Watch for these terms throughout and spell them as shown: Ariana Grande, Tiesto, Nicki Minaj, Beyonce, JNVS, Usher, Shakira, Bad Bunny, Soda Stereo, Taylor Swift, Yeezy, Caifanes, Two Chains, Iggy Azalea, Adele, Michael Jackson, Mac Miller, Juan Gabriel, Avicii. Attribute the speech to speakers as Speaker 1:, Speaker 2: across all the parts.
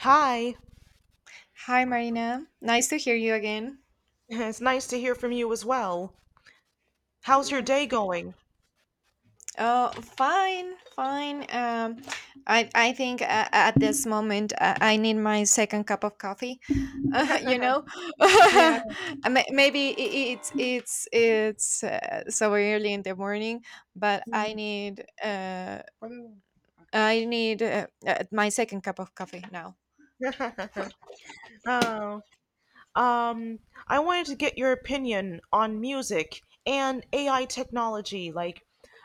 Speaker 1: Hi,
Speaker 2: Hi, Marina. Nice to hear you again.
Speaker 1: it's nice to hear from you as well. How's your
Speaker 2: Yeah.
Speaker 1: day going?
Speaker 2: Oh, fine, fine. I think at this moment I need my second cup of coffee. Uh, you know,
Speaker 1: Yeah.
Speaker 2: Maybe it's so early in the morning, but
Speaker 1: Mm.
Speaker 2: I need my second cup of coffee now.
Speaker 1: Oh, um, I wanted to get your opinion on music and AI technology. Like,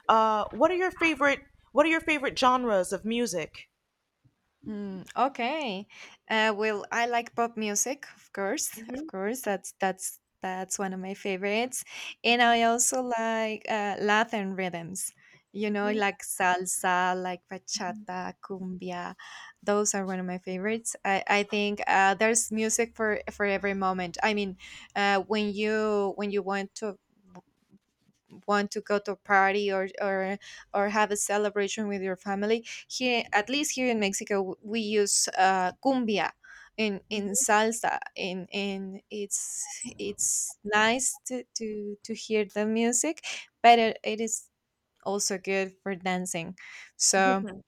Speaker 1: what are your favorite genres of music?
Speaker 2: Mm, okay. Well, I like pop music, of course, of
Speaker 1: Mhm,
Speaker 2: course. That's one of my favorites, and I
Speaker 1: mhm,
Speaker 2: also like Latin rhythms. You know,
Speaker 1: mhm,
Speaker 2: like salsa, like bachata, cumbia. Those are one of my favorites. I think there's music for every moment. I mean, when you want to go to a party or have a celebration with your family. Here, at least here in Mexico, we use cumbia in
Speaker 1: mhm,
Speaker 2: salsa, and it's nice to hear the music, but it is also good for dancing, so
Speaker 1: mhm,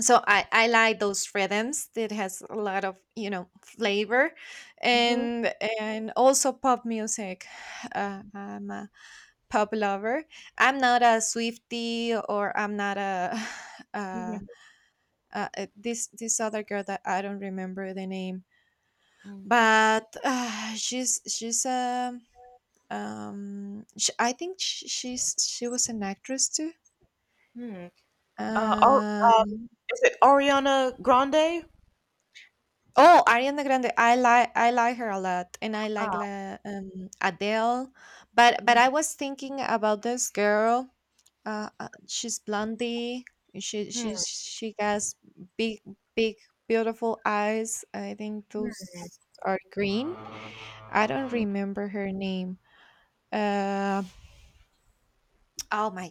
Speaker 2: I like those rhythms that has a lot of, flavor,
Speaker 1: mhm,
Speaker 2: and and also pop music. I'm a pop lover. I'm not a Swiftie, or I'm not a uh,
Speaker 1: mhm,
Speaker 2: this other girl that I don't remember the name,
Speaker 1: mhm,
Speaker 2: but she's a sh I think sh she's she was an actress too.
Speaker 1: mhm. Uh, Ar- um,
Speaker 2: Um,
Speaker 1: is it Ariana Grande?
Speaker 2: oh, Ariana Grande. I like her a lot, and I like,
Speaker 1: Ah,
Speaker 2: Adele. But
Speaker 1: mm,
Speaker 2: I was thinking about this girl. She's blondie. She
Speaker 1: mm,
Speaker 2: she's she has big big beautiful eyes. I think
Speaker 1: mm,
Speaker 2: those are green. I don't
Speaker 1: mm.
Speaker 2: remember her name. Uh, oh my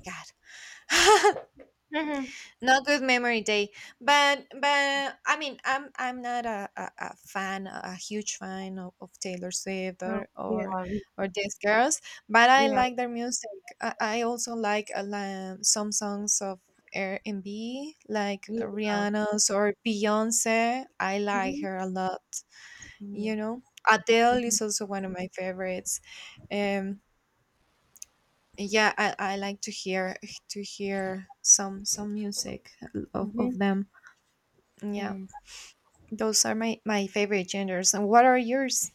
Speaker 2: god.
Speaker 1: Mhm.
Speaker 2: Not good memory day, but I mean, I'm not a fan, a huge fan of Taylor Swift,
Speaker 1: Oh,
Speaker 2: or
Speaker 1: yeah.
Speaker 2: these girls, but I
Speaker 1: Yeah.
Speaker 2: like their music. I also like some songs of R&B, like
Speaker 1: Yeah.
Speaker 2: Rihanna's or Beyonce. I like
Speaker 1: Mhm.
Speaker 2: her a lot.
Speaker 1: Mhm.
Speaker 2: You know, Adele
Speaker 1: Mhm.
Speaker 2: is also one of my favorites. Um, yeah, I like to hear, some music of
Speaker 1: Mhm.
Speaker 2: them. Yeah,
Speaker 1: And
Speaker 2: those are my favorite genders. And what are yours?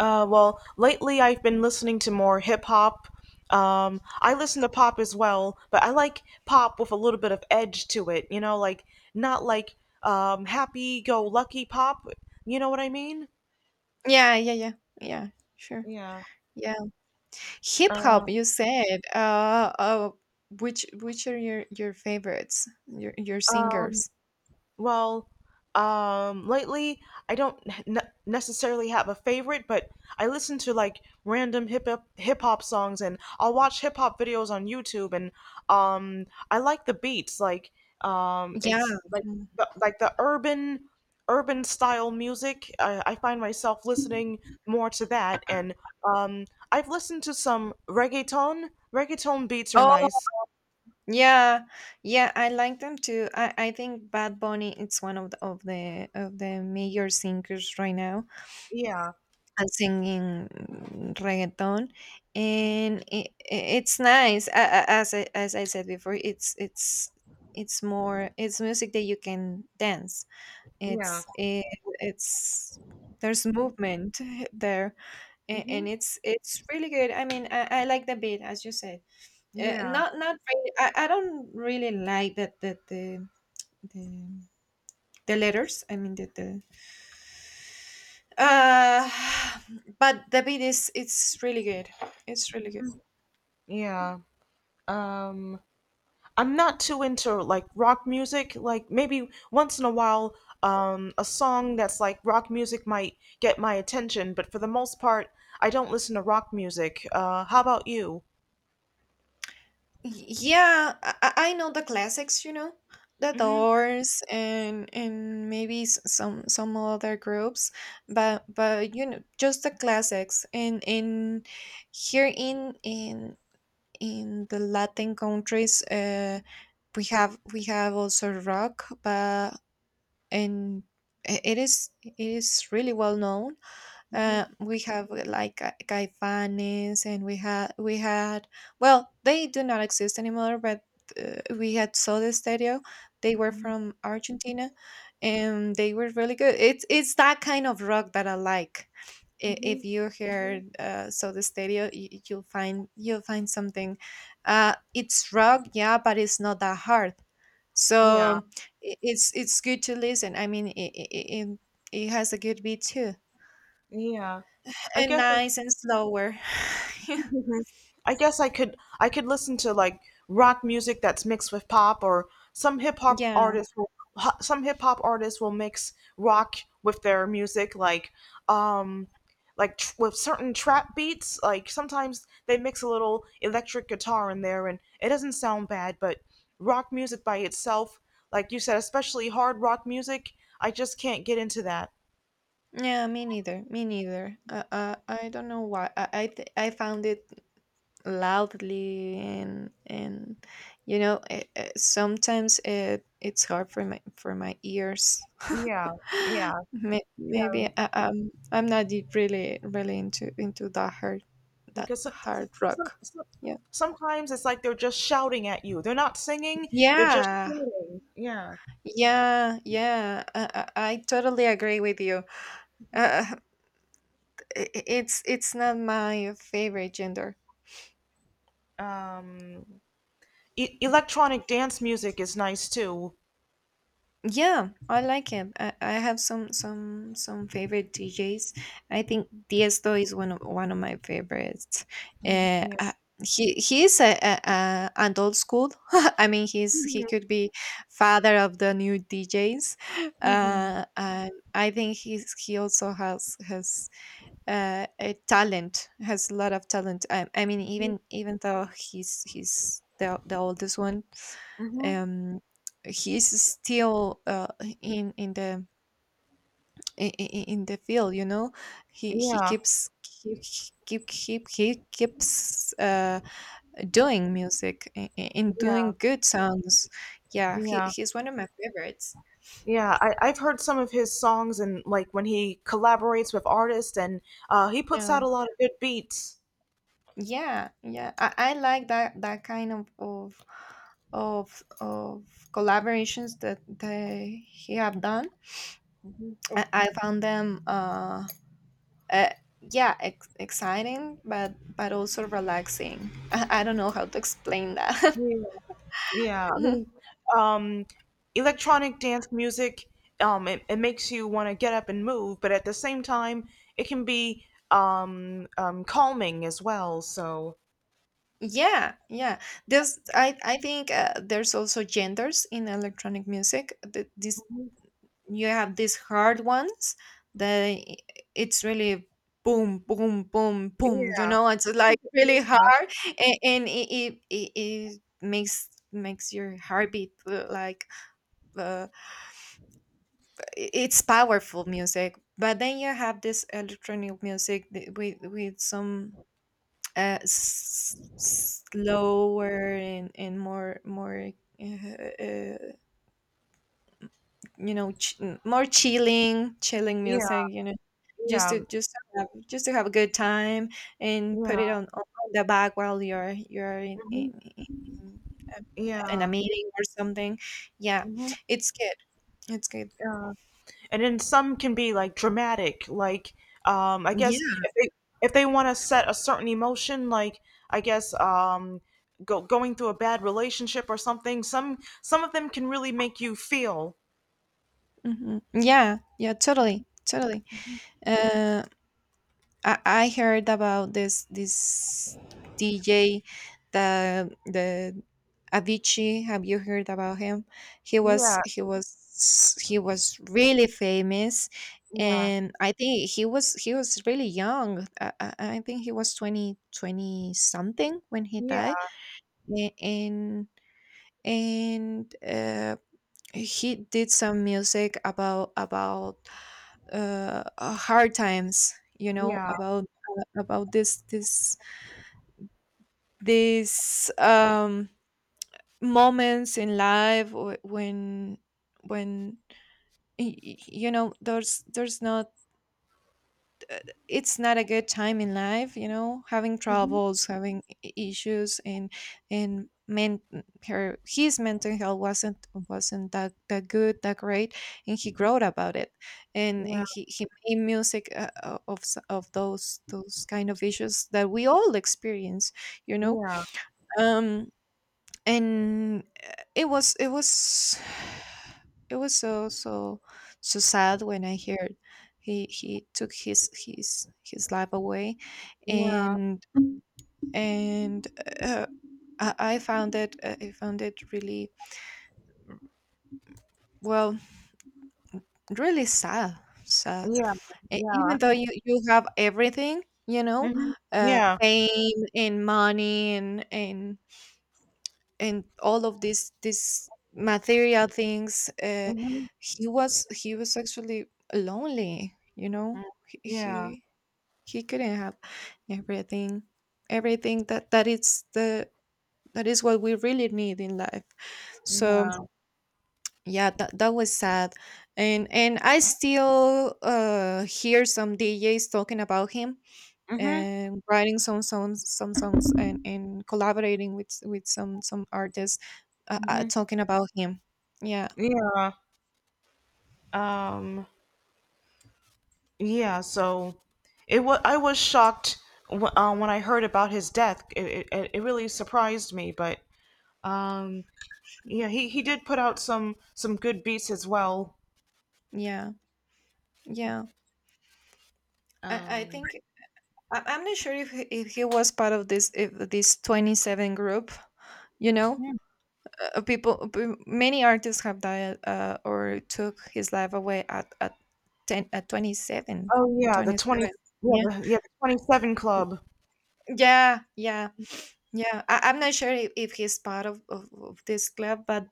Speaker 1: well, lately I've been listening to more hip hop. I listen to pop as well, but I like pop with a little bit of edge to it. You know, like not like, happy go lucky pop. You know what I mean?
Speaker 2: Yeah, yeah, yeah, yeah. Sure.
Speaker 1: Yeah.
Speaker 2: Yeah, hip
Speaker 1: Uh,
Speaker 2: hop, you said. Which are your favorites? Your
Speaker 1: um.
Speaker 2: singers.
Speaker 1: Well, lately I don't ne- necessarily have a favorite, but I listen to, like, random hip hop songs, and I'll watch hip hop videos on YouTube, and I like the beats, like,
Speaker 2: Yeah.
Speaker 1: it's like
Speaker 2: Mm.
Speaker 1: the, urban style music. I find myself listening more to that, and um I've listened to some reggaeton. Reggaeton beats are
Speaker 2: Oh,
Speaker 1: nice.
Speaker 2: yeah, yeah. I like them too. I think Bad Bunny. It's one of the major singers right now.
Speaker 1: Yeah.
Speaker 2: And singing reggaeton. And it's nice. As I said before, it's music that you can dance.
Speaker 1: Yeah.
Speaker 2: It's it, it's There's movement. there and
Speaker 1: Hmm.
Speaker 2: it's really good. I mean, I like the beat, as you said.
Speaker 1: Yeah.
Speaker 2: Not really. I don't really like that, the the letters I mean the Uh, but the beat is it's really good. It's really good.
Speaker 1: Yeah. um I'm not too into, like, rock music. Like, maybe once in a while, a song that's like rock music might get my attention, but for the most part, I don't listen to rock music. How about you?
Speaker 2: Yeah, I know the classics. You know, the
Speaker 1: Mm-hmm,
Speaker 2: Doors and maybe some other groups, but just the classics. And in Here in the Latin countries, we have also rock. And it is really well known.
Speaker 1: mm-hmm,
Speaker 2: We have, like, Caifanes, and we had well, they do not exist anymore, but we had Soda Stereo. They were from Argentina, and they were really good. It's that kind of rock that I like. If
Speaker 1: mm-hmm.
Speaker 2: you hear, Soda Stereo, you'll find, something. It's rock, yeah, but it's not that hard.
Speaker 1: Yeah,
Speaker 2: So it's good to listen. I mean, it has a good beat too,
Speaker 1: yeah, I
Speaker 2: and
Speaker 1: guess.
Speaker 2: nice and slower. Yeah,
Speaker 1: I guess I could listen to, like, rock music that's mixed with pop, or
Speaker 2: yeah,
Speaker 1: some hip hop artists will mix rock with their music, like, um with certain trap beats. Like, sometimes they mix a little electric guitar in there, and it doesn't sound bad. But rock music by itself, like you said, especially hard rock music, I just can't get into that.
Speaker 2: yeah, me neither. Me neither. I don't know why. I found it loudly, and you know, sometimes it's hard for my ears.
Speaker 1: Yeah, yeah.
Speaker 2: Maybe, I'm not really into that hard,
Speaker 1: Because
Speaker 2: rock. Yeah,
Speaker 1: sometimes it's like they're just shouting at you. They're not singing, they're just
Speaker 2: yeah,
Speaker 1: shouting. Yeah.
Speaker 2: yeah, yeah. I totally agree with you. Uh, it's not my favorite gender.
Speaker 1: Um, Electronic dance music is nice too.
Speaker 2: Yeah, I like it. I have some favorite DJs. I think Tiesto is one of my favorites. Uh,
Speaker 1: Mhm.
Speaker 2: uh, he is a an old school. I mean, he
Speaker 1: Yeah.
Speaker 2: could be father of the new DJs.
Speaker 1: Hmm.
Speaker 2: And I think he also has a lot of talent. I mean, even though he's the oldest one.
Speaker 1: Hmm.
Speaker 2: um he's still, in in the in the field. You know, he
Speaker 1: Yeah,
Speaker 2: keeps keep keep keep he keeps doing music, and
Speaker 1: yeah,
Speaker 2: doing good songs. Yeah,
Speaker 1: yeah,
Speaker 2: he's one of my favorites.
Speaker 1: yeah. I've heard some of his songs, and, like, when he collaborates with artists and he puts
Speaker 2: Yeah.
Speaker 1: out a lot of good beats.
Speaker 2: Yeah, yeah. I like that kind of collaborations that they he have done.
Speaker 1: Mhm.
Speaker 2: I found them, uh yeah, exciting, but also relaxing. I don't know how to explain that.
Speaker 1: Yeah, I mean, um, electronic dance music, it makes you want to get up and move, but at the same time, it can be calming as well. So,
Speaker 2: Yeah, yeah. There's I think, there's also genders in electronic music. This,
Speaker 1: mhm,
Speaker 2: you have these hard ones that it's really boom boom boom boom. You
Speaker 1: yeah,
Speaker 2: know, it's like really hard. And it makes your heartbeat, like. uh, it's powerful music, but then you have this electronic music, with some, slower, and more, uh, uh, you know, more chilling
Speaker 1: yeah,
Speaker 2: music, you know, just
Speaker 1: yeah,
Speaker 2: to, just to have a good time, and put
Speaker 1: yeah,
Speaker 2: it on the back while you're
Speaker 1: Mm-hmm.
Speaker 2: in, um, in a
Speaker 1: Yeah,
Speaker 2: meeting or something. Yeah,
Speaker 1: mhm, yeah.
Speaker 2: it's good. it's good
Speaker 1: Mhm. And then some can be, like, dramatic, like, I guess
Speaker 2: yeah.
Speaker 1: if they want to set a certain emotion, like, I guess, going through a bad relationship or something. Some of them can really make you feel—
Speaker 2: Hmm. Yeah, yeah, totally. Uh I heard about this DJ, the Avicii. Have you heard about him?
Speaker 1: yeah,
Speaker 2: He was really famous,
Speaker 1: yeah,
Speaker 2: and I think he was really young. I think he was 20 20 something when he
Speaker 1: yeah,
Speaker 2: died. A- and and, he did some music about, hard times. You know,
Speaker 1: yeah,
Speaker 2: about this this these moments in life, when you know, there's not it's not a good time in life. You know, having
Speaker 1: mhm,
Speaker 2: troubles, having issues, and men her his mental health wasn't that good, that great, and he wrote about it. and
Speaker 1: yeah,
Speaker 2: and he made music, of those kind of issues that we all experience, you know.
Speaker 1: yeah,
Speaker 2: Um and, it was it was so so sad when I heard he took his life away.
Speaker 1: yeah,
Speaker 2: And and, uh, I found it, really, well, really sad.
Speaker 1: yeah, yeah,
Speaker 2: Even though you have everything, you know,
Speaker 1: hmm, yeah,
Speaker 2: fame and money and all of these material things.
Speaker 1: hmm,
Speaker 2: He was actually lonely. You know,
Speaker 1: yeah,
Speaker 2: he couldn't have everything. That is what we really need in life, so.
Speaker 1: yeah,
Speaker 2: Yeah, that was sad. And I still hear some DJs talking about him,
Speaker 1: hmm,
Speaker 2: and writing some songs, and collaborating with some artists,
Speaker 1: hmm,
Speaker 2: talking about him. Yeah,
Speaker 1: yeah. um Yeah, so it was I was shocked when I heard about his death. It really surprised me, but um yeah, he did put out some good beats as well.
Speaker 2: yeah, yeah. I I
Speaker 1: Um
Speaker 2: think I'm not sure if he was part of this, if this 27 group. You know,
Speaker 1: yeah.
Speaker 2: many artists have died, or took his life away at 10, at 27
Speaker 1: Oh, yeah, the 20,
Speaker 2: 27
Speaker 1: yeah,
Speaker 2: Yeah,
Speaker 1: the 27 club.
Speaker 2: yeah, yeah, yeah. I'm not sure if he's part of this club. But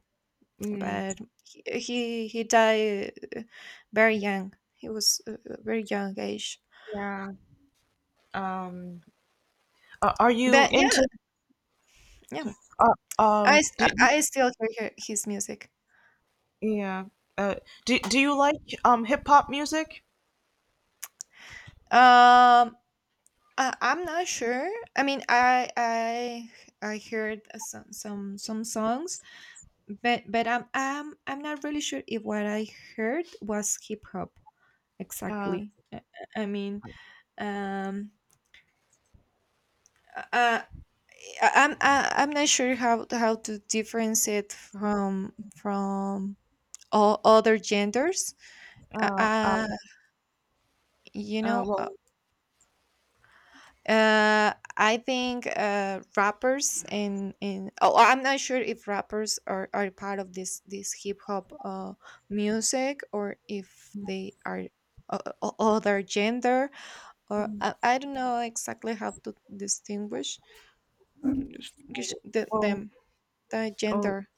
Speaker 1: Mm,
Speaker 2: but he died, very young. He was, very young age.
Speaker 1: yeah. Um are you
Speaker 2: But
Speaker 1: into
Speaker 2: yeah, yeah.
Speaker 1: uh,
Speaker 2: I
Speaker 1: um
Speaker 2: s-
Speaker 1: do,
Speaker 2: I still hear his music.
Speaker 1: yeah. Uh do you like hip hop music?
Speaker 2: Um, I'm not sure. I mean, I heard some songs, but I'm not really sure if what I heard was hip hop
Speaker 1: Uh
Speaker 2: exactly. I mean. um. uh. I'm not sure how to difference it from all other genders. Uh,
Speaker 1: uh, uh,
Speaker 2: uh, you
Speaker 1: uh
Speaker 2: know, uh,
Speaker 1: well,
Speaker 2: I think, rappers and in oh, I'm not sure if rappers are part of this hip hop, music, or if they are other gender. Or I don't know exactly how to distinguish,
Speaker 1: well,
Speaker 2: them, the gender.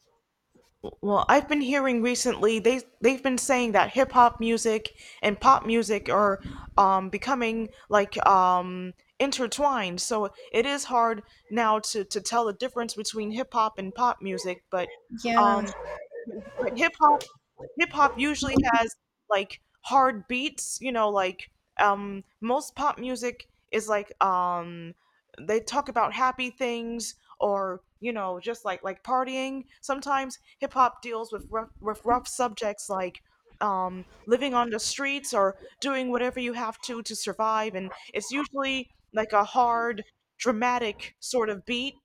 Speaker 1: Well, I've been hearing recently they've been saying that hip hop music and pop music are, becoming, like, intertwined. So it is hard now to tell the difference between hip hop and pop music, but um,
Speaker 2: Yeah.
Speaker 1: but hip hop hip hop usually has, like, hard beats, you know, like, most pop music is like, they talk about happy things, or, you know, just like, partying. Sometimes hip hop deals with rough subjects, like, living on the streets or doing whatever you have to survive, and it's usually like a hard, dramatic sort of beat.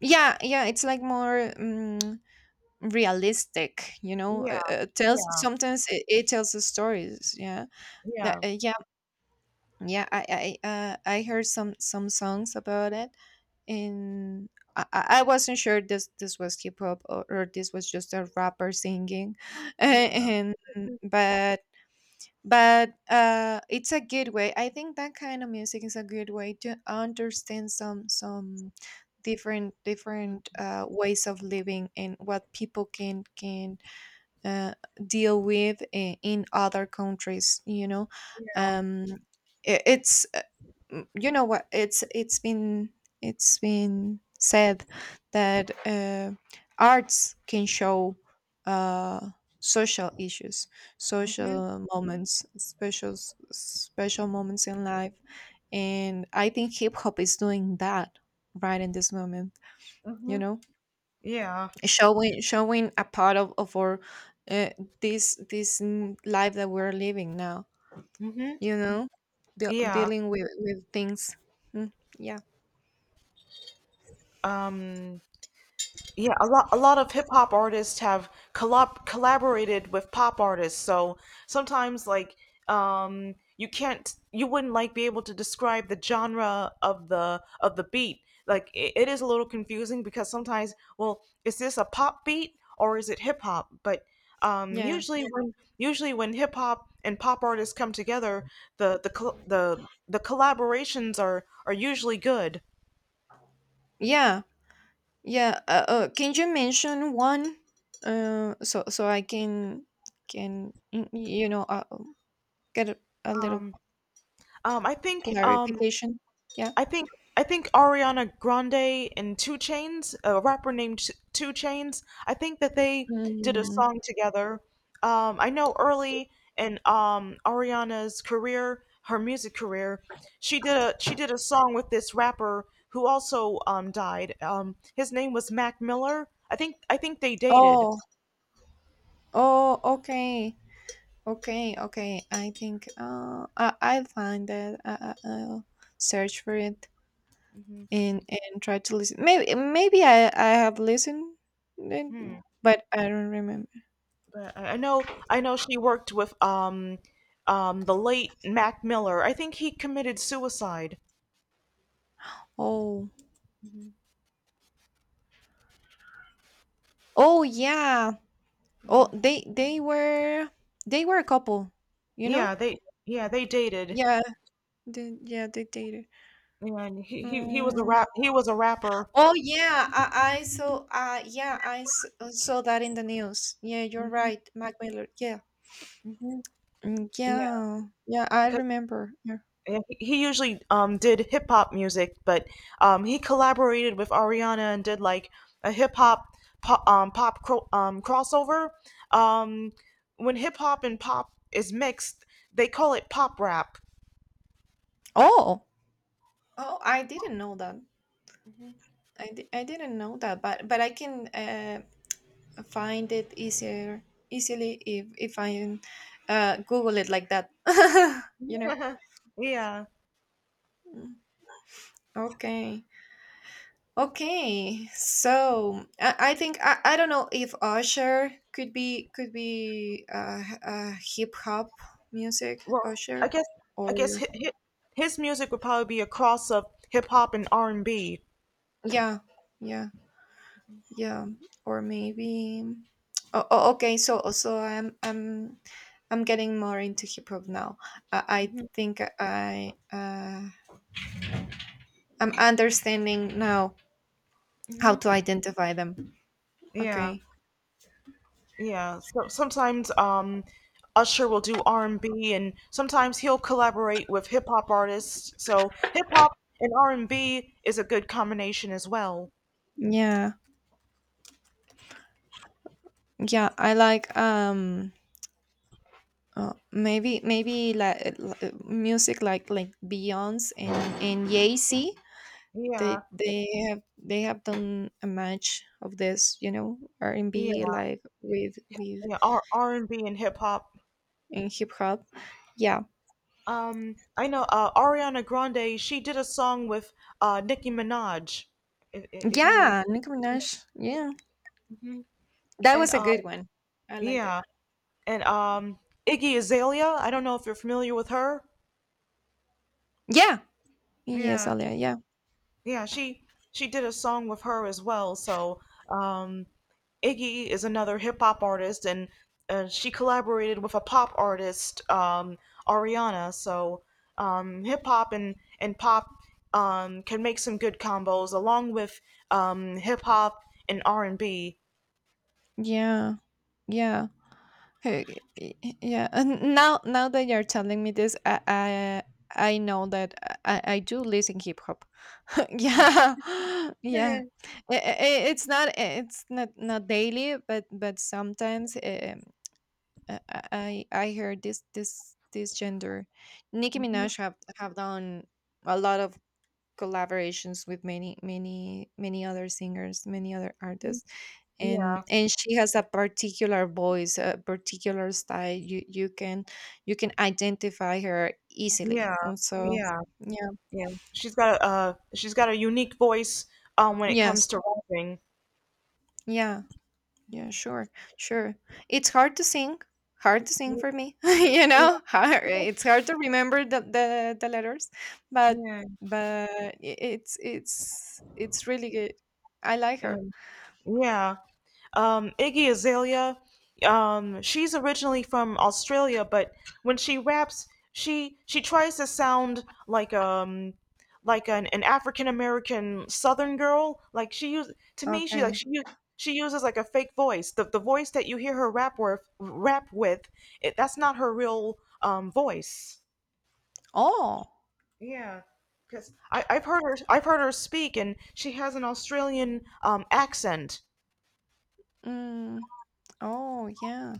Speaker 2: Yeah, yeah, it's like more, realistic.
Speaker 1: Yeah.
Speaker 2: Tells
Speaker 1: Yeah.
Speaker 2: sometimes, it tells the stories, yeah.
Speaker 1: Yeah.
Speaker 2: Yeah. I heard some songs about it. And I wasn't sure this was hip hop, or this was just a rapper singing
Speaker 1: Yeah.
Speaker 2: and but but it's a good way. I think that kind of music is a good way to understand some different ways of living, and what people can uh, deal with in other countries.
Speaker 1: Yeah.
Speaker 2: um it's you know what, it's been said that arts can show uh social issues,
Speaker 1: Mm-hmm.
Speaker 2: social moments, special special moments in life. And I think hip hop is doing that right in this moment. you
Speaker 1: Mm-hmm.
Speaker 2: know
Speaker 1: Yeah.
Speaker 2: showing a part of our, uh, life that we're living now.
Speaker 1: Hmm.
Speaker 2: you know
Speaker 1: Yeah.
Speaker 2: Dealing with things. Mm, yeah.
Speaker 1: Um, yeah, a lot of hip hop artists have collaborated with pop artists. So sometimes, like, you wouldn't, like, be able to describe the genre of the beat. Like, it is a little confusing because sometimes, well, is this a pop beat or is it hip hop? But
Speaker 2: Yeah,
Speaker 1: usually, yeah, when usually when hip hop and pop artists come together, the col- the collaborations are usually good.
Speaker 2: yeah, yeah, can you mention one, so I can get a, little
Speaker 1: Um I think,
Speaker 2: clarification? Yeah.
Speaker 1: I think I think Ariana Grande and Two Chains, a rapper named Two Chains. I think that they did a
Speaker 2: mm.
Speaker 1: song together. I know early in, Ariana's career, her music career, she did a song with this rapper who also, died. His name was Mac Miller. I think they dated.
Speaker 2: oh oh, okay. Okay, okay. I think I'll find that. I'll search for it.
Speaker 1: Hmm.
Speaker 2: And try to listen. Maybe I have listened it,
Speaker 1: Hmm.
Speaker 2: but I don't remember.
Speaker 1: But I know she worked with, the late Mac Miller. I think he committed suicide.
Speaker 2: Oh
Speaker 1: Hmm.
Speaker 2: oh, yeah. Oh, they were a couple. You know?
Speaker 1: Yeah, yeah, they dated,
Speaker 2: Yeah. Yeah. They dated.
Speaker 1: and he was a
Speaker 2: Mm.
Speaker 1: rapper.
Speaker 2: Oh, yeah. I saw. Yeah. Saw that in the news. Yeah. You're
Speaker 1: Hmm.
Speaker 2: right, Mac Miller. Yeah.
Speaker 1: Hmm. Yeah,
Speaker 2: Yeah, yeah, I
Speaker 1: because
Speaker 2: remember. Yeah.
Speaker 1: he usually did hip hop music, but he collaborated with Ariana and did like a hip hop pop crossover. Um, when hip hop and pop is mixed, they call it pop rap.
Speaker 2: Oh, oh, I didn't know that. I didn't know that, but I can find it easier easily if I Google it like that. you know.
Speaker 1: Yeah.
Speaker 2: Mm, Okay. Okay. So I think I don't know if Usher could be, could be hip hop music.
Speaker 1: Well, I
Speaker 2: Usher
Speaker 1: guess I guess
Speaker 2: or...
Speaker 1: his music would probably be a cross of hip hop and R and B.
Speaker 2: yeah, yeah, yeah. Or maybe. Oh, okay, so I'm getting more into hip hop now. I
Speaker 1: Mhm.
Speaker 2: think I'm understanding now how to identify them.
Speaker 1: Yeah,
Speaker 2: Okay.
Speaker 1: yeah. So sometimes, Usher will do R and B, and sometimes he'll collaborate with hip hop artists. So hip hop and R and B is a good combination as well.
Speaker 2: Yeah, yeah, I like maybe like music, like Beyonce and Yeezy.
Speaker 1: Yeah,
Speaker 2: They have done a match of this, you know, R&B,
Speaker 1: yeah,
Speaker 2: like with
Speaker 1: yeah. R and B and hip hop.
Speaker 2: in hip hop. Yeah.
Speaker 1: I know, Ariana Grande. She did a song with, Nicki Minaj. If you—
Speaker 2: Yeah, Nicki Minaj. Yeah.
Speaker 1: Mhm.
Speaker 2: That
Speaker 1: And
Speaker 2: was a good one. I liked it.
Speaker 1: yeah, and Iggy Azalea. I don't know if you're familiar with her.
Speaker 2: Yeah. Yes,
Speaker 1: Yeah,
Speaker 2: Alia. Yeah.
Speaker 1: yeah, she did a song with her as well. So, um, Iggy is another hip hop artist, and she collaborated with a pop artist, Ariana. So, hip hop and pop, can make some good combos, along with, hip hop and R and B.
Speaker 2: Yeah. Yeah. Hey, yeah. And now that you're telling me this, I know that I do listen hip hop. Yeah. Yeah. It's not, it's not daily, but sometimes, I I hear this gender. Nicki
Speaker 1: Mhm.
Speaker 2: Minaj have done a lot of collaborations with many other singers, many other
Speaker 1: Mhm.
Speaker 2: artists. And
Speaker 1: Yeah,
Speaker 2: she has a particular voice, a particular style. You can identify her easily
Speaker 1: yeah,
Speaker 2: also.
Speaker 1: yeah.
Speaker 2: Yeah.
Speaker 1: Yeah, she's got a— unique voice, when it comes
Speaker 2: Yes.
Speaker 1: to rapping.
Speaker 2: Yeah. Yeah, sure. it's hard to sing for me. You know, it's hard to remember the letters. But
Speaker 1: Yeah,
Speaker 2: it's really good. I like her.
Speaker 1: um, yeah. Iggy Azalea, she's originally from Australia, but when she raps, she tries to sound like, like, an African American Southern girl. Like, she use to me, she like
Speaker 2: Okay.
Speaker 1: she u- she uses like a fake voice. The voice that you hear her rap with, that's not her real, voice.
Speaker 2: Oh.
Speaker 1: Yeah, because I've heard her speak, and she has an Australian, accent.
Speaker 2: Mm. Oh, yeah.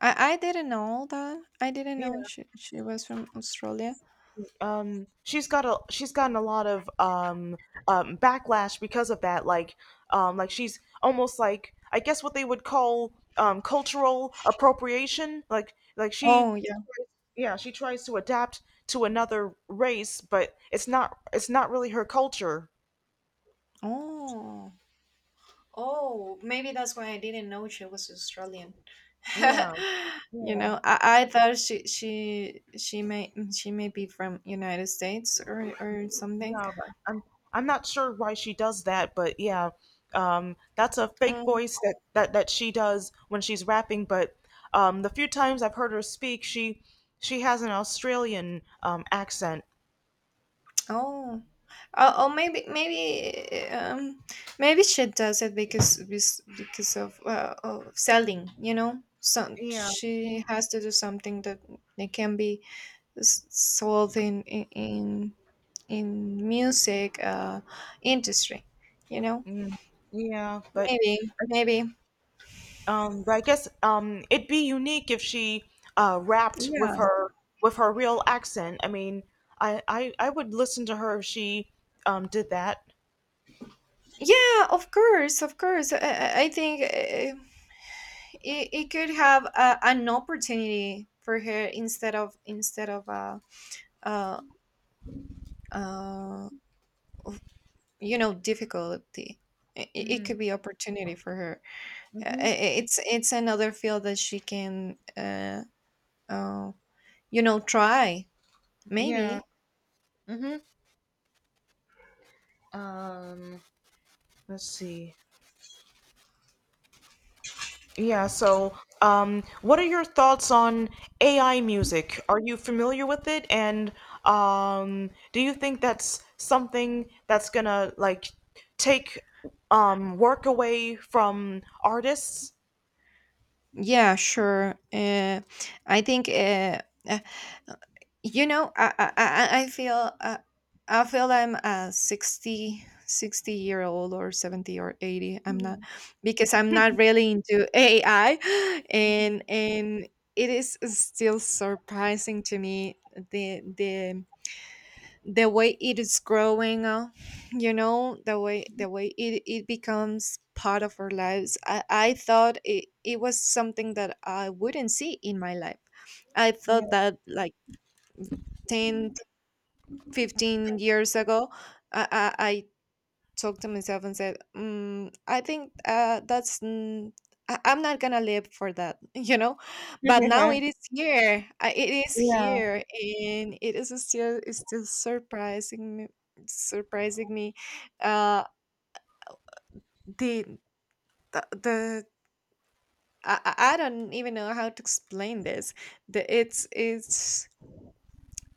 Speaker 2: I didn't know that. I didn't
Speaker 1: Yeah.
Speaker 2: know she was from Australia.
Speaker 1: She's gotten a lot of, backlash because of that. Like, like, she's almost like, I guess, what they would call, cultural appropriation. Like she
Speaker 2: Oh, yeah.
Speaker 1: Yeah, she tries to adapt to another race, but it's not really her culture.
Speaker 2: Oh. Oh, maybe that's why I didn't know she was Australian.
Speaker 1: Yeah.
Speaker 2: You
Speaker 1: Yeah.
Speaker 2: know, I thought she may be from United States or something.
Speaker 1: Yeah, but I'm not sure why she does that, but yeah, that's a fake voice that, she does when she's rapping. But the few times I've heard her speak, she has an Australian, accent.
Speaker 2: Oh, or maybe she does it because of selling. You know, so
Speaker 1: Yeah,
Speaker 2: she has to do something that it can be, sold in music industry. You know.
Speaker 1: mm, yeah, but
Speaker 2: Maybe. Maybe.
Speaker 1: I guess, it'd be unique if she, rapped
Speaker 2: Yeah,
Speaker 1: with her real accent. I mean, I would listen to her if she, did that.
Speaker 2: yeah, of course, of course. I think it could have a, an opportunity for her, instead of a, uh, uh, you know, difficulty. It
Speaker 1: Mm,
Speaker 2: could be opportunity for her. It's another field that she can, uh you know, try.
Speaker 1: yeah.
Speaker 2: Maybe.
Speaker 1: Mm-hmm. Um, let's see. Yeah, so, what are your thoughts on AI music? Are you familiar with it? And, do you think that's something that's gonna, like, take, work away from artists?
Speaker 2: Yeah, sure. I think uh, you know, I feel I feel I'm a sixty year old, or 70, or 80. I'm not Because I'm not really into AI. And it is still surprising to me, the the the way it is growing up. You know, the way, it becomes part of our lives. I thought it was something that I wouldn't see in my life. I thought that, like, 10 15 years ago, I talked to myself and said, I think that's, I'm not going to live for that. You know? But now it is here. It is
Speaker 1: Yeah,
Speaker 2: here. And it is still, it's still surprising me, surprising me. Uh, the, the I don't even know how to explain this. The,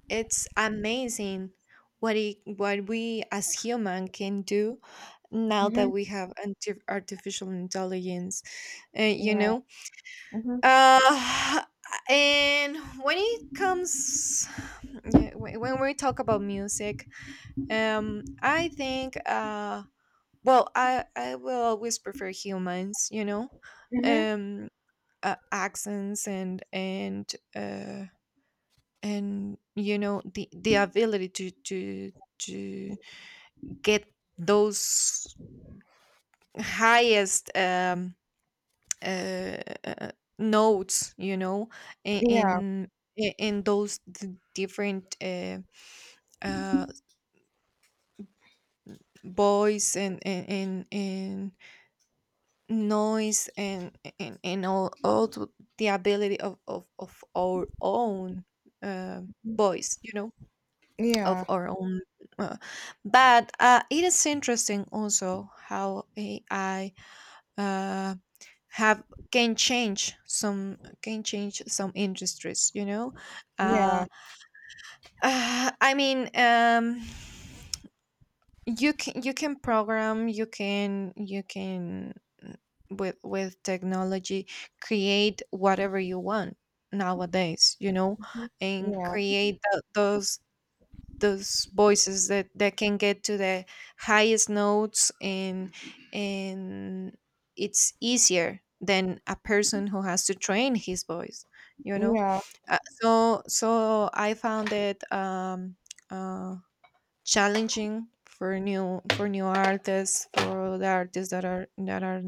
Speaker 2: it's amazing, what what we as human can do now
Speaker 1: hmm,
Speaker 2: that we have, artificial intelligence. You
Speaker 1: yeah,
Speaker 2: know.
Speaker 1: hmm,
Speaker 2: uh, and when it comes, yeah, when we talk about music, I think well, I will always prefer humans. You know.
Speaker 1: hmm,
Speaker 2: um, Accents, and. And, you know, the ability to get those highest, uh, uh, notes, you know, i-
Speaker 1: yeah,
Speaker 2: in in those different, uh voice, and and noise, and all, to the ability of our own uh voice, you know, of
Speaker 1: yeah,
Speaker 2: our own. Uh, but it is interesting also how AI uh, have can change some industries. You know.
Speaker 1: yeah,
Speaker 2: uh, I mean. You can program, mm, with technology, create whatever you want nowadays. You know. And
Speaker 1: yeah,
Speaker 2: create those voices that can get to the highest notes, and and it's easier than a person who has to train his voice. You know.
Speaker 1: yeah,
Speaker 2: So I found it uh challenging for new, for new artists, for the artists that are, that are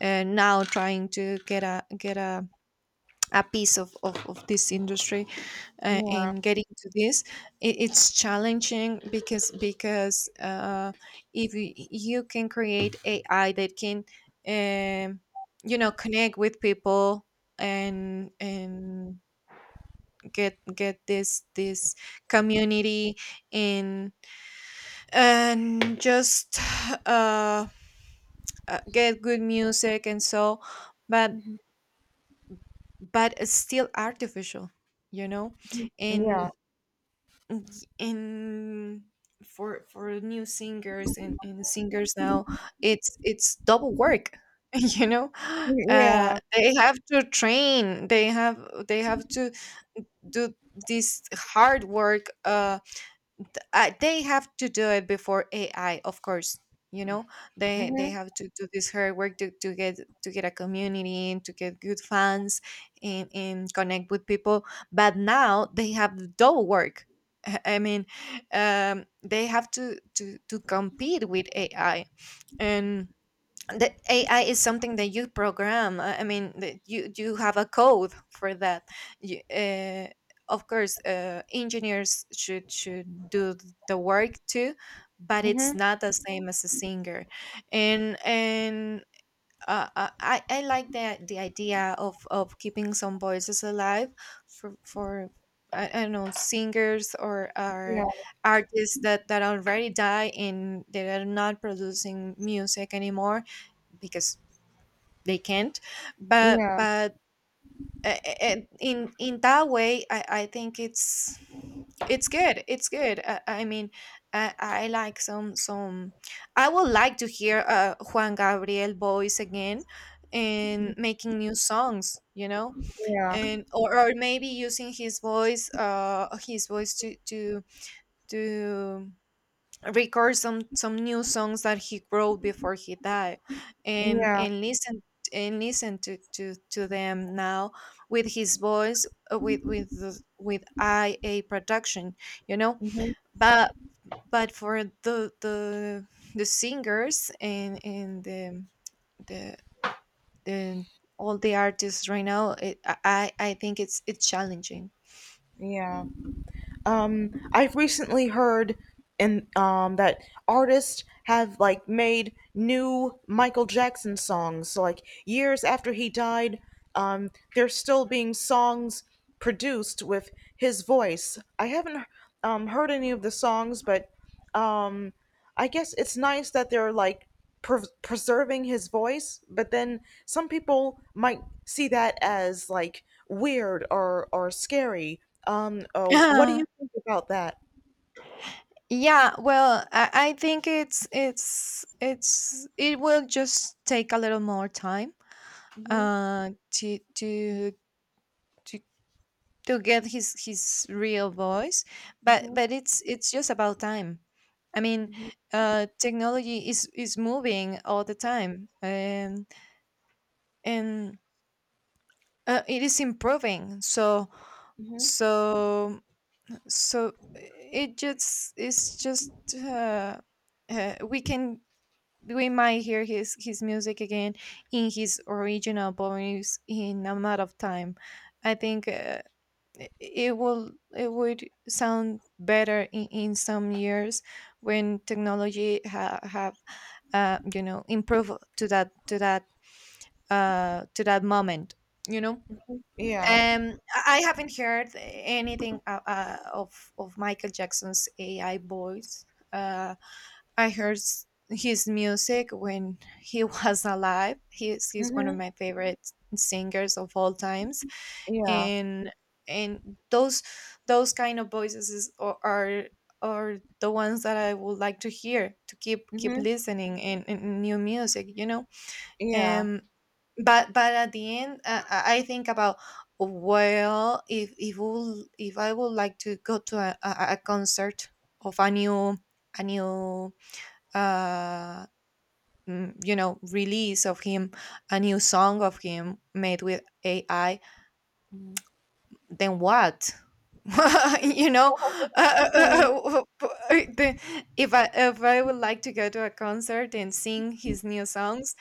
Speaker 2: uh, now trying to get a, a piece of this industry. In getting to this, it's challenging because if you can create AI that can, um, you know, connect with people, and get this community, and just, uh, get good music. And so, but it's still artificial. You know.
Speaker 1: yeah,
Speaker 2: And and for new singers, and, singers now, it's double work. You know.
Speaker 1: yeah, yeah,
Speaker 2: They have to train, they have to do this hard work, they have to do it before AI, of course. You know. Mm. They
Speaker 1: hmm,
Speaker 2: have to do this hard work, to, get, a community, and to get good fans, and, connect with people. But now they have the double work. I mean, they have to compete with AI, and the AI is something that you program. I mean, that you have a code for that. You, uh, of course, engineers should do the work too, but it's
Speaker 1: hmm,
Speaker 2: not the same as a singer. And I like the idea of keeping some voices alive for. I don't know, singers or,
Speaker 1: yeah,
Speaker 2: or artists that already die and they are not producing music anymore because they can't. But
Speaker 1: yeah,
Speaker 2: and in that way, I think it's good. I mean, I like some, I would like to hear Juan Gabriel voice again, and making new songs, you know.
Speaker 1: yeah,
Speaker 2: And or maybe using his voice, to to record some new songs that he wrote before he died, and
Speaker 1: yeah,
Speaker 2: and listen to them now with his voice, with with IA production, you know.
Speaker 1: hmm,
Speaker 2: But for the, the singers, and the, the, the all the artists right now, it, I think it's challenging.
Speaker 1: yeah. I've recently heard, and that artists have, like, made new Michael Jackson songs. So, like, years after he died, there's still being songs produced with his voice. I haven't heard any of the songs, but um I guess it's nice that they're, like, preserving his voice, but then some people might see that as, like, weird or scary. What do you think about that?
Speaker 2: Yeah, well, I think it will just take a little more time,
Speaker 1: Mhm.
Speaker 2: to to get his real voice. But
Speaker 1: Mhm.
Speaker 2: it's just about time. I mean,
Speaker 1: Mhm.
Speaker 2: technology is moving all the time, and and it is improving. So
Speaker 1: Mhm.
Speaker 2: so so it just, it's just uh, we can, we might hear his music again, in his original voice, in a matter of time. I think it would sound better in some years, when technology ha- have you know, improved to that, to that moment. You know.
Speaker 1: Yeah.
Speaker 2: I haven't heard anything of Michael Jackson's AI voice. Uh, I heard, his music when he was alive. He's one of
Speaker 1: Mhm.
Speaker 2: my favorite singers of all times,
Speaker 1: Yeah.
Speaker 2: and and those those kind of voices is, are the ones that I would like to hear, to keep
Speaker 1: Mhm.
Speaker 2: listening in new music, you know.
Speaker 1: Yeah.
Speaker 2: Um, but at the end, I think about well, if would if I would like to go to a concert of a new a new uh, release of him, a new song of him made with ai, then what? you know uh, uh, uh, uh, The- if I would like to go to a concert and sing his new songs,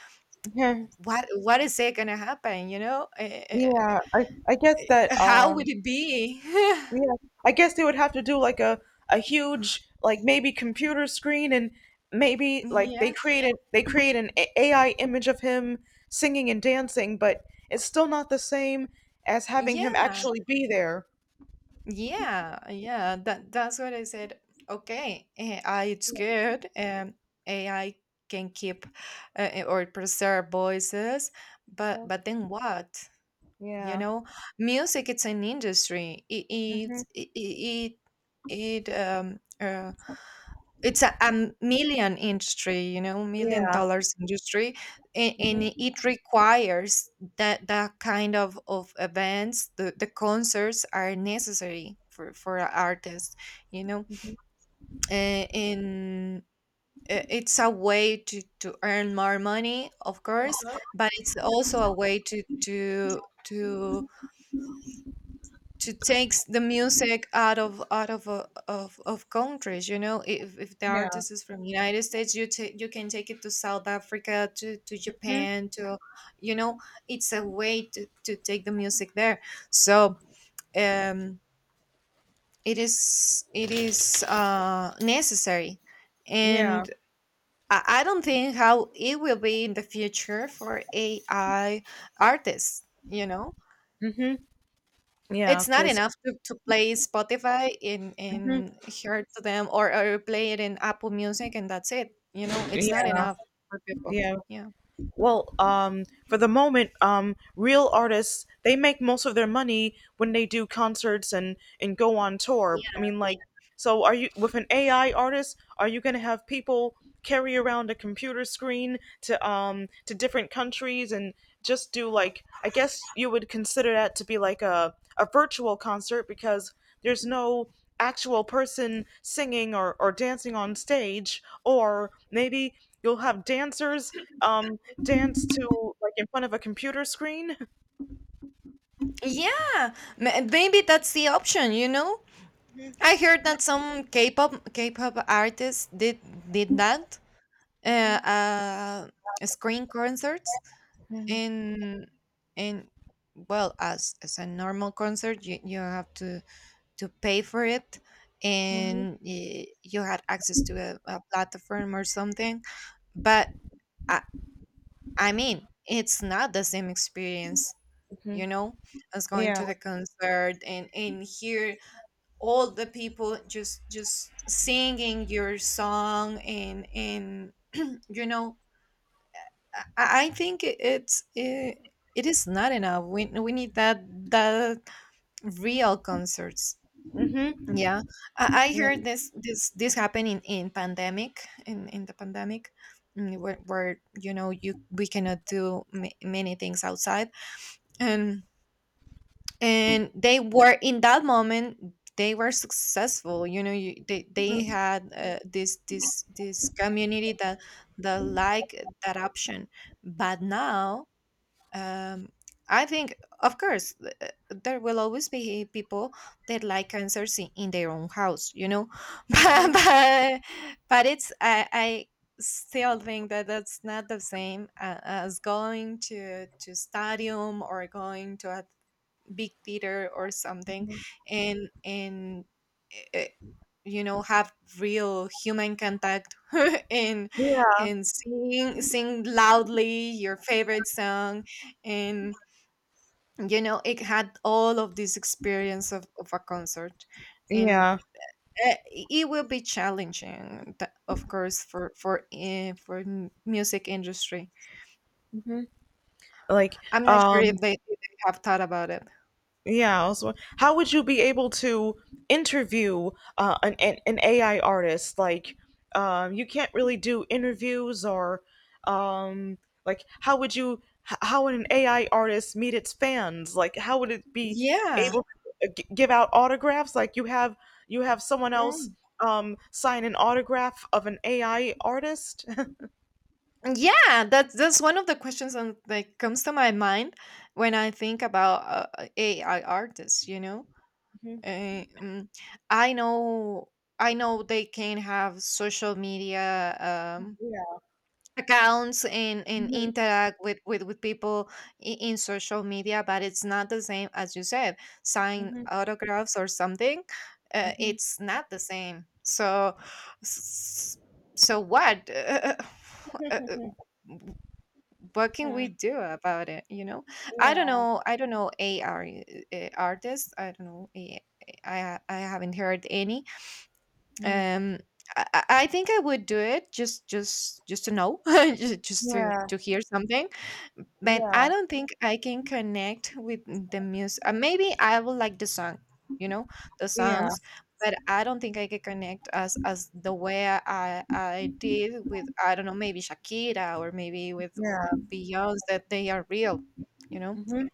Speaker 2: what is it gonna happen, you know?
Speaker 1: Yeah. I guess that,
Speaker 2: How would it be?
Speaker 1: yeah, I guess they would have to do like a huge, like, maybe computer screen, and maybe, like,
Speaker 2: yeah
Speaker 1: they create an AI image of him singing and dancing, but it's still not the same as having him
Speaker 2: yeah
Speaker 1: actually be there.
Speaker 2: Yeah, yeah, that's what I said. Okay, AI it's good. AI can keep or preserve voices,
Speaker 1: Hmm.
Speaker 2: but then what? You
Speaker 1: Yeah.
Speaker 2: know, music it's an industry. It it
Speaker 1: Hmm.
Speaker 2: it it, it um, uh, it's a million industry, you know, million
Speaker 1: Yeah.
Speaker 2: dollars industry. And
Speaker 1: Hmm.
Speaker 2: it requires that that kind of events, the concerts are necessary for a artist, you know
Speaker 1: Hmm.
Speaker 2: uh, And It's a way to earn more money, of course, but it's also a way to takes the music out of of countries. You know, if the
Speaker 1: Yeah.
Speaker 2: artist is from united states, you ta you can take it to south africa, to
Speaker 1: Hmm.
Speaker 2: japan, to, you know, it's a way to take the music there. So um it is, it is necessary,
Speaker 1: Yeah.
Speaker 2: and I don't think how it will be in the future for AI artists, you know?
Speaker 1: Hmm. Yeah.
Speaker 2: It's not
Speaker 1: Because. Yeah.
Speaker 2: enough to play Spotify
Speaker 1: 'cause-
Speaker 2: in hear to them, or play it in Apple Music, and that's it. You know,
Speaker 1: Mhm.
Speaker 2: it's not
Speaker 1: Yeah.
Speaker 2: enough for people.
Speaker 1: Yeah.
Speaker 2: Yeah.
Speaker 1: Well, for the moment, real artists, they make most of their money when they do concerts and go on tour. I mean, like, so are you with an AI artist? Are you going to have people carry around a computer screen to, to different countries, and just do, like, I guess you would consider that to be like a virtual concert, because there's no actual person singing or dancing on stage, or maybe you'll have dancers dance to, like, in front of a computer screen.
Speaker 2: Yeah, maybe that's the option, you know? I heard that some K-pop artists did that, screen concerts in in, well, as a normal concert you, you have to pay for it,
Speaker 1: Mm-hmm.
Speaker 2: and you had access to a platform or something. But I, I mean, it's not the same experience, you know, as going
Speaker 1: Yeah.
Speaker 2: to the concert and hear all the people just singing your song, and and you know I think it's it, it is not enough. We need that that real concerts.
Speaker 1: Mm-hmm.
Speaker 2: Yeah, I
Speaker 1: Yeah.
Speaker 2: heard this this this happen in pandemic, in the pandemic, where, you know, you we cannot do many things outside, and and they were, in that moment, they were successful. You know, they had, this this this community that that like that option, but now, um, I think, of course, there will always be people that like concerts in their own house, you know, but but, but it's, I still think that that's not the same as going to stadium, or going to a big theater or something, and eh, you know, have real human contact and
Speaker 1: Yeah,
Speaker 2: and sing sing loudly your favorite song, and, you know, it had all of this experience of a concert. And
Speaker 1: yeah.
Speaker 2: it will be challenging, of course, for music industry.
Speaker 1: Hmm. like
Speaker 2: I'm not sure
Speaker 1: um
Speaker 2: if they have thought about it.
Speaker 1: Yeah, how would you be able to interview, an AI artist? Like, you can't really do interviews, or, um, like, how would you? How would an AI artist meet its fans? Like, how would it be
Speaker 2: yeah
Speaker 1: able to, give out autographs? Like, you have someone else,
Speaker 2: Mm.
Speaker 1: sign an autograph of an AI artist.
Speaker 2: Yeah, that's one of the questions on, like, comes to my mind when I think about AI artists. You know,
Speaker 1: Mhm.
Speaker 2: Uh, mm, I know, I know they can have social media,
Speaker 1: Yeah.
Speaker 2: accounts and
Speaker 1: Mhm.
Speaker 2: interact with people in social media, but it's not the same, as you said, sign
Speaker 1: Mhm.
Speaker 2: autographs or something.
Speaker 1: Mhm.
Speaker 2: It's not the same. So, s- so what? Uh, what can
Speaker 1: Yeah.
Speaker 2: we do about it, you know? i don't
Speaker 1: Yeah.
Speaker 2: know i don't know Ar Artists, I don't know. I haven't heard any.
Speaker 1: Mhm.
Speaker 2: um I, I think I would do it just to know just
Speaker 1: Yeah.
Speaker 2: to hear something, but I
Speaker 1: Yeah.
Speaker 2: don't think I can connect with the music. Maybe I will like the song, you know, the
Speaker 1: Yeah.
Speaker 2: songs, but I don't think I can connect as the way I did with, I don't know, maybe Shakira, or maybe
Speaker 1: Yeah.
Speaker 2: with Beyonce, that they are real, you know.
Speaker 1: Mhm.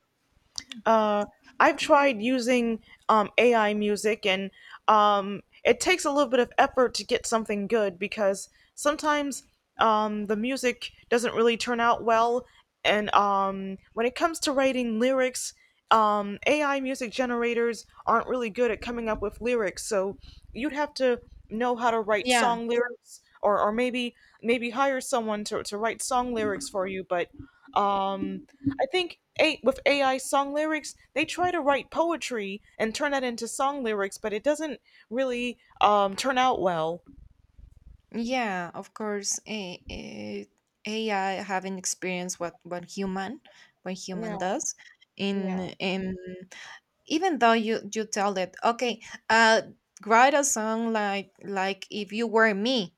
Speaker 1: Uh, I've tried using, AI music, and, it takes a little bit of effort to get something good because sometimes, the music doesn't really turn out well. And, when it comes to writing lyrics, AI music generators aren't really good at coming up with lyrics, so you'd have to know how to write
Speaker 2: yeah
Speaker 1: song lyrics, or maybe hire someone to write song lyrics for you. But, um, I think, a with AI song lyrics, they try to write poetry and turn that into song lyrics, but it doesn't really, turn out well.
Speaker 2: Yeah, of course. AI having experienced what human
Speaker 1: Yeah,
Speaker 2: does in
Speaker 1: yeah,
Speaker 2: in even though you tell it, okay, uh write a song like if you were me,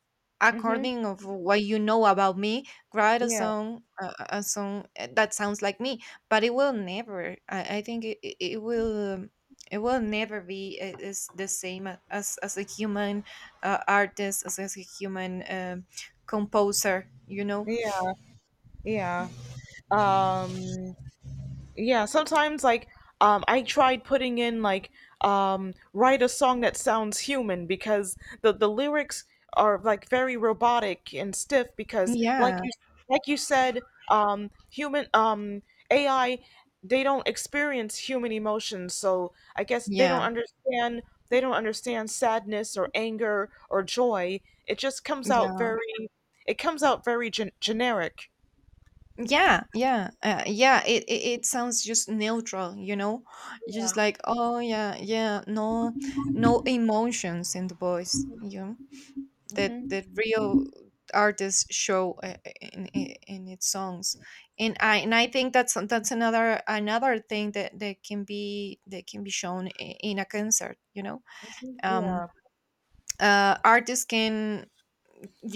Speaker 1: mm-hmm,
Speaker 2: according of what you know about me, write a
Speaker 1: yeah,
Speaker 2: song, a song that sounds like me. But it will never, I think it, it it will, it will never be, is the same as a human, artist, as a human, composer, you know.
Speaker 1: yeah, yeah. Um, Yeah, sometimes, like, I tried putting in, like, write a song that sounds human, because the lyrics are, like, very robotic and stiff, because, like,
Speaker 2: yeah
Speaker 1: you like you said, human, AI, they don't experience human emotions, so I guess
Speaker 2: yeah
Speaker 1: they don't understand sadness or anger or joy. It just comes out
Speaker 2: yeah
Speaker 1: very— generic.
Speaker 2: Yeah, yeah, yeah. It sounds just neutral, you know. You're
Speaker 1: Yeah.
Speaker 2: just like, oh yeah, yeah. No, no emotions in the voice. You know, that
Speaker 1: Hmm.
Speaker 2: that real artists show in its songs. And I, and I think that's another another thing that that can be, that can be shown in a concert. You know,
Speaker 1: Yeah.
Speaker 2: um, artists can.